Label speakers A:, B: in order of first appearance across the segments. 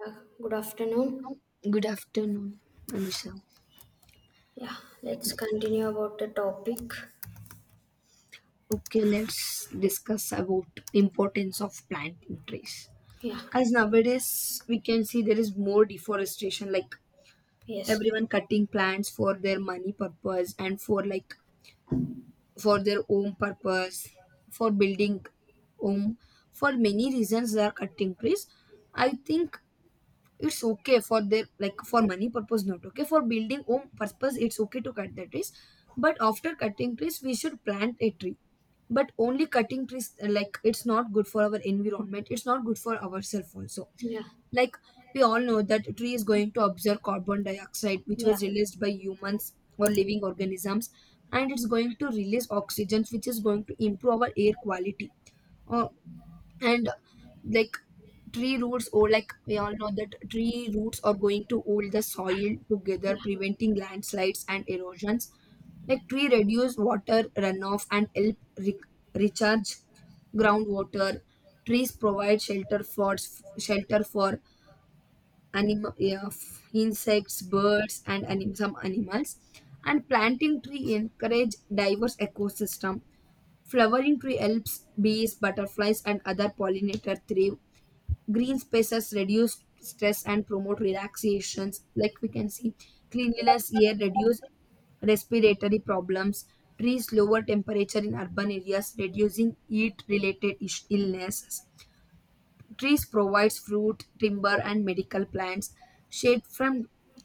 A: Yeah, good afternoon.
B: Good afternoon, Anusha.
A: Yeah, let's continue about the topic.
B: Okay, let's discuss about importance of planting trees.
A: Yeah,
B: As nowadays we can see there is more deforestation, like
A: yes,
B: everyone cutting plants for their money purpose and for like for their own purpose, for building home. For many reasons they are cutting trees. I think it's okay for their like for money purpose not okay. For building home purpose it's okay to cut the trees. But after cutting trees, we should plant a tree, but only cutting trees, like, it's not good for our environment, it's not good for ourselves also,
A: yeah,
B: like we all know that a tree is going to absorb carbon dioxide which
A: yeah.
B: was released by humans or living organisms, and it's going to release oxygen which is going to improve our air quality, uh, and like tree roots or like we all know that tree roots are going to hold the soil together preventing landslides and erosions. Like tree reduce water runoff and help recharge groundwater. Trees provide shelter for animal, yeah, insects, birds and some animals, and planting tree encourage diverse ecosystem. Flowering tree helps bees, butterflies and other pollinator thrive. Green spaces reduce stress and promote relaxations. Like we can see, cleanliness air reduce respiratory problems. Trees lower temperature in urban areas, reducing heat related illnesses. Trees provides fruit, timber, and medical plants. Shade from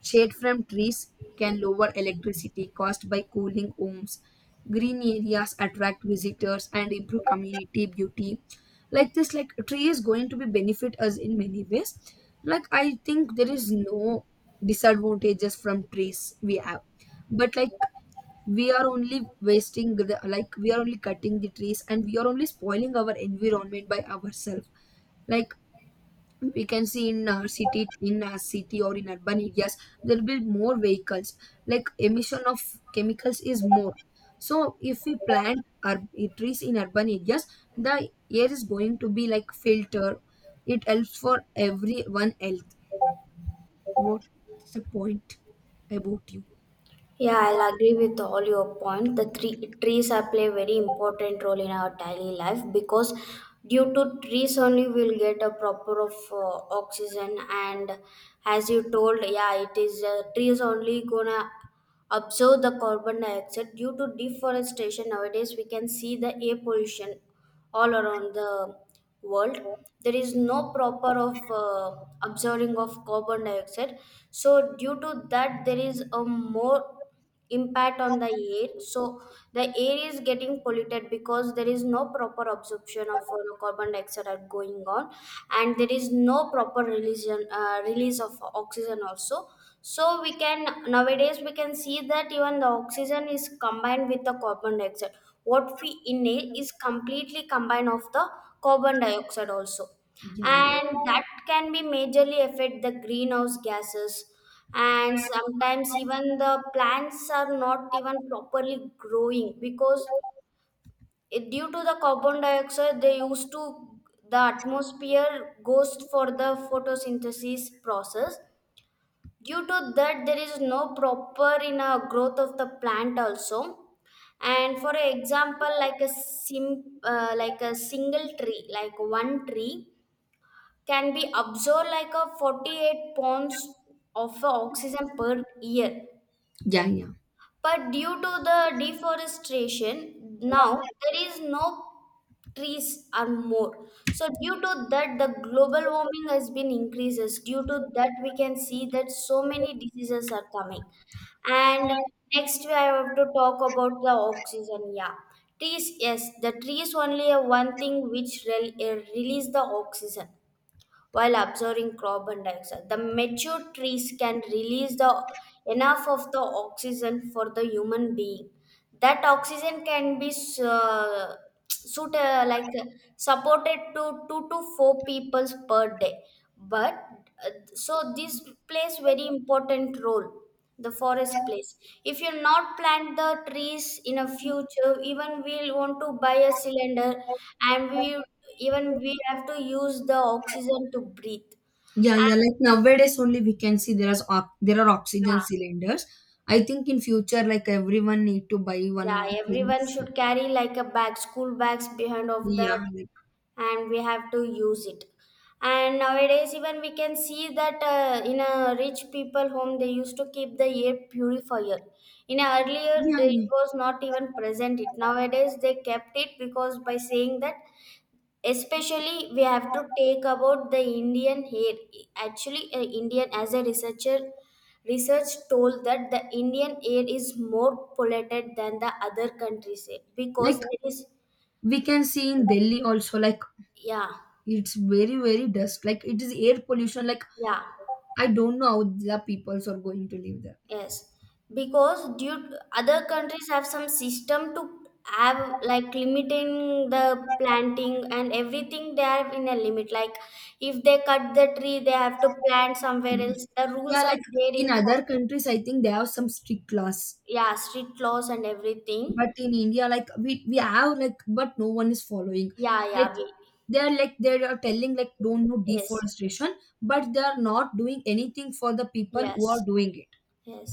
B: Shade from trees can lower electricity cost by cooling homes. Green areas attract visitors and improve community beauty. Like this, like tree is going to be benefit us in many ways. Like I think there is no disadvantages from trees we have, but like we are only wasting the, like we are only cutting the trees and we are only spoiling our environment by ourselves. Like we can see in our city, or in urban areas there will be more vehicles, like emission of chemicals is more. So if we plant our trees in urban areas, the air is going to be like filter, it helps for everyone health. What's the point about you?
A: Yeah, I'll agree with all your point. Trees are play very important role in our daily life because due to trees only we'll get a proper of oxygen. And as you told, yeah, it is trees only gonna absorb the carbon dioxide. Due to deforestation nowadays, we can see the air pollution all around the world. There is no proper of absorbing of carbon dioxide. So due to that, there is a more impact on the air, so the air is getting polluted because there is no proper absorption of carbon dioxide going on, and there is no proper release of oxygen also. So we can nowadays we can see that even the oxygen is combined with the carbon dioxide. What we inhale is completely combined of the carbon dioxide also,
B: Yeah, yeah,
A: and that can be majorly affect the greenhouse gases. And sometimes even the plants are not even properly growing because due to the carbon dioxide they used to the atmosphere, goes for the photosynthesis process. Due to that, there is no proper in a growth of the plant also. And for example, like one tree can be absorbed like a 48 pounds of oxygen per year.
B: yeah, yeah,
A: But due to the deforestation, now there is no trees are more. So due to that, the global warming has been increases. Due to that, we can see that so many diseases are coming. And next, we have to talk about the oxygen. Yeah, trees. Yes, the trees only are one thing which release the oxygen while absorbing carbon dioxide. The mature trees can release the enough of the oxygen for the human being. That oxygen can be uh, suit, like supported to two to four peoples per day. But so this plays very important role the forest place. If you not plant the trees in a future, even we'll want to buy a cylinder, and we even we have to use the oxygen to breathe.
B: yeah, yeah.
A: And,
B: Like nowadays, only we can see there is there are
A: yeah,
B: oxygen cylinders. I think in future, like everyone need to buy one
A: yeah,
B: on oxygen.
A: everyone should carry like a bag, school bags behind of
B: Yeah,
A: that,
B: like,
A: and we have to use it. And nowadays, even we can see that in a rich people home, they used to keep the air purifier. In a earlier,
B: yeah, yeah.
A: it was not even present. It nowadays they kept it because by saying that especially we have to take about the Indian hair. Actually, Indian, as a research told that the Indian air is more polluted than the other countries air
B: Like
A: because there is.
B: we can see in Delhi also, like
A: Yeah,
B: it's very, very dust. Like it is air pollution. Like
A: yeah,
B: I don't know how the peoples are going to live there.
A: yes, because due other countries have some system to have like limiting the planting and everything. They have in a limit, like if they cut the tree they have to plant somewhere
B: Mm.
A: else. The
B: Yeah,
A: rules are
B: like
A: there
B: in
A: in for.
B: other countries, I think they have some strict laws,
A: Yeah, street laws and everything.
B: but in India, like we have, like, but no one is following.
A: Yeah,
B: Like
A: yeah, we,
B: they are, like they are telling like don't do
A: yes,
B: deforestation, but they are not doing anything for the people
A: yes,
B: who are doing it.
A: yes.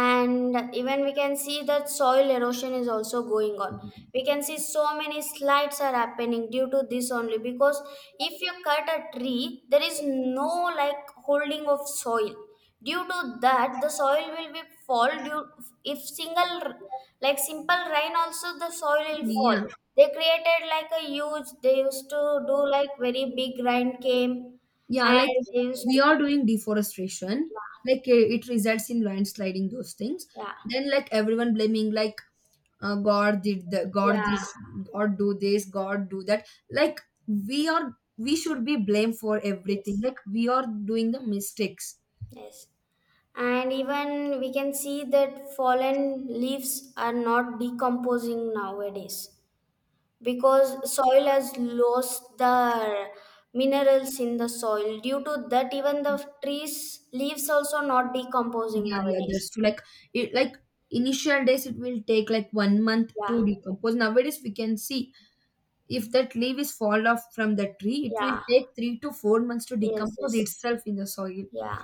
A: And even we can see that soil erosion is also going on. We can see so many slides are happening due to this only because if you cut a tree there is no like holding of soil. Due to that, the soil will be fall due. If single like simple rain also, the soil will fall.
B: Yeah.
A: They created like a huge, they used to do like very big rain came.
B: Yeah, like
A: And they used
B: we
A: to,
B: are doing deforestation,
A: yeah,
B: like eh, it results in landsliding those things.
A: yeah,
B: Then like everyone blaming like God did, the God
A: yeah,
B: this, God do that. Like we should be blamed for everything. Like we are doing the mistakes.
A: yes. And even we can see that fallen leaves are not decomposing nowadays because soil has lost the minerals in the soil. Due to that, even the trees leaves also not decomposing
B: Yeah, yeah,
A: nowadays.
B: that's true. Like it, like initial days it will take like 1 month
A: Yeah,
B: to decompose. Nowadays we can see if that leaf is fall off from the tree, it will
A: yeah,
B: take 3 to 4 months to
A: yes,
B: decompose
A: yes,
B: itself in the soil.
A: yeah.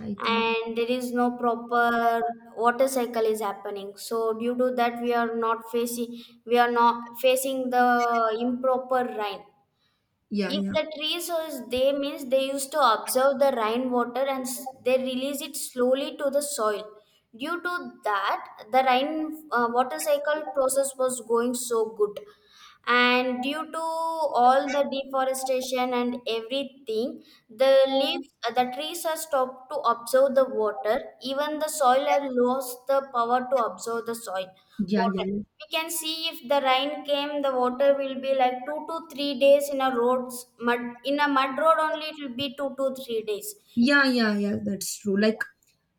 B: I think
A: And there is no proper water cycle is happening. So due to that, we are not facing the improper rain.
B: yeah,
A: If
B: yeah,
A: the tree soils, they means they used to observe the rainwater, and they release it slowly to the soil. Due to that, the rain water cycle process was going so good. And due to all the deforestation and everything, the trees are stopped to absorb the water. Even the soil has lost the power to absorb the soil
B: yeah, yeah,
A: water.
B: yeah,
A: We can see if the rain came, the water will be like 2 to 3 days mud in a mud road only. It will be 2 to 3 days.
B: yeah, yeah, yeah. That's true. Like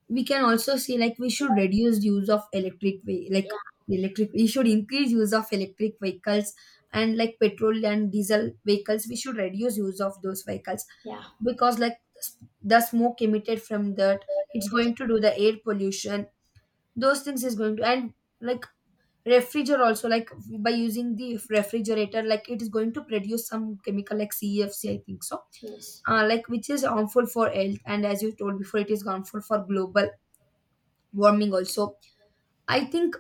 B: we can also say like we should reduce use of like
A: Yeah,
B: electric. We should increase use of electric vehicles, and like petrol and diesel vehicles, we should reduce use of those vehicles,
A: yeah,
B: because like the smoke emitted from that, it's
A: yes,
B: going to do the air pollution. Those things is going to, and like refrigerator also, like by using the refrigerator, like it is going to produce some chemical like CFC I think so,
A: yes,
B: like which is harmful for health and, as you told before, it is harmful for global warming also. I think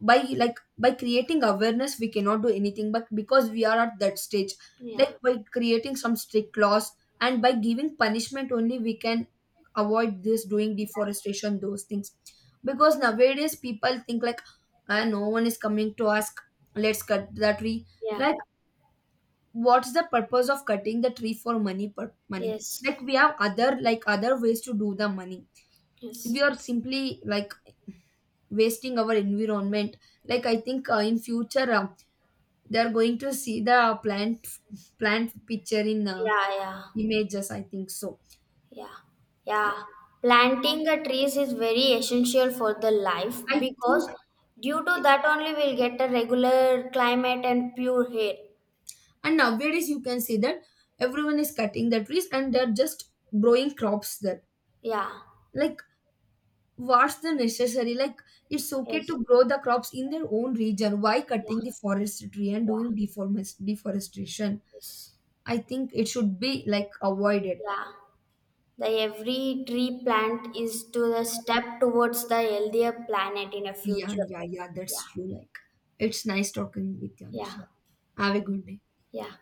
B: by, like by creating awareness we cannot do anything, but because we are at that stage,
A: yeah,
B: like by creating some strict laws and by giving punishment only we can avoid this doing deforestation those things, because nowadays people think like, ah, no one is coming to ask, let's cut that tree.
A: yeah,
B: Like what's the purpose of cutting the tree for money?
A: yes,
B: Like we have other ways to do the money.
A: yes,
B: We are simply like wasting our environment. Like I think, in future, they are going to see the plant picture in,
A: yeah, yeah,
B: images, I think so.
A: yeah, yeah, planting the trees is very essential for the life
B: I
A: because
B: think.
A: due to that only we'll get a regular climate and pure air.
B: And nowadays you can see that everyone is cutting the trees and they're just growing crops there.
A: Yeah,
B: Like what's the necessary? Like it's okay
A: yes,
B: to grow the crops in their own region. Why cutting
A: yeah,
B: the forestry and
A: yeah,
B: doing deforestation?
A: yes.
B: I think it should be like avoided.
A: Yeah, the every tree plant is to the step towards the healthier planet in a
B: Yeah,
A: future.
B: yeah, yeah. That's
A: Yeah,
B: true. Like it's nice talking with you,
A: yeah,
B: Anusha. Have a good day.
A: yeah.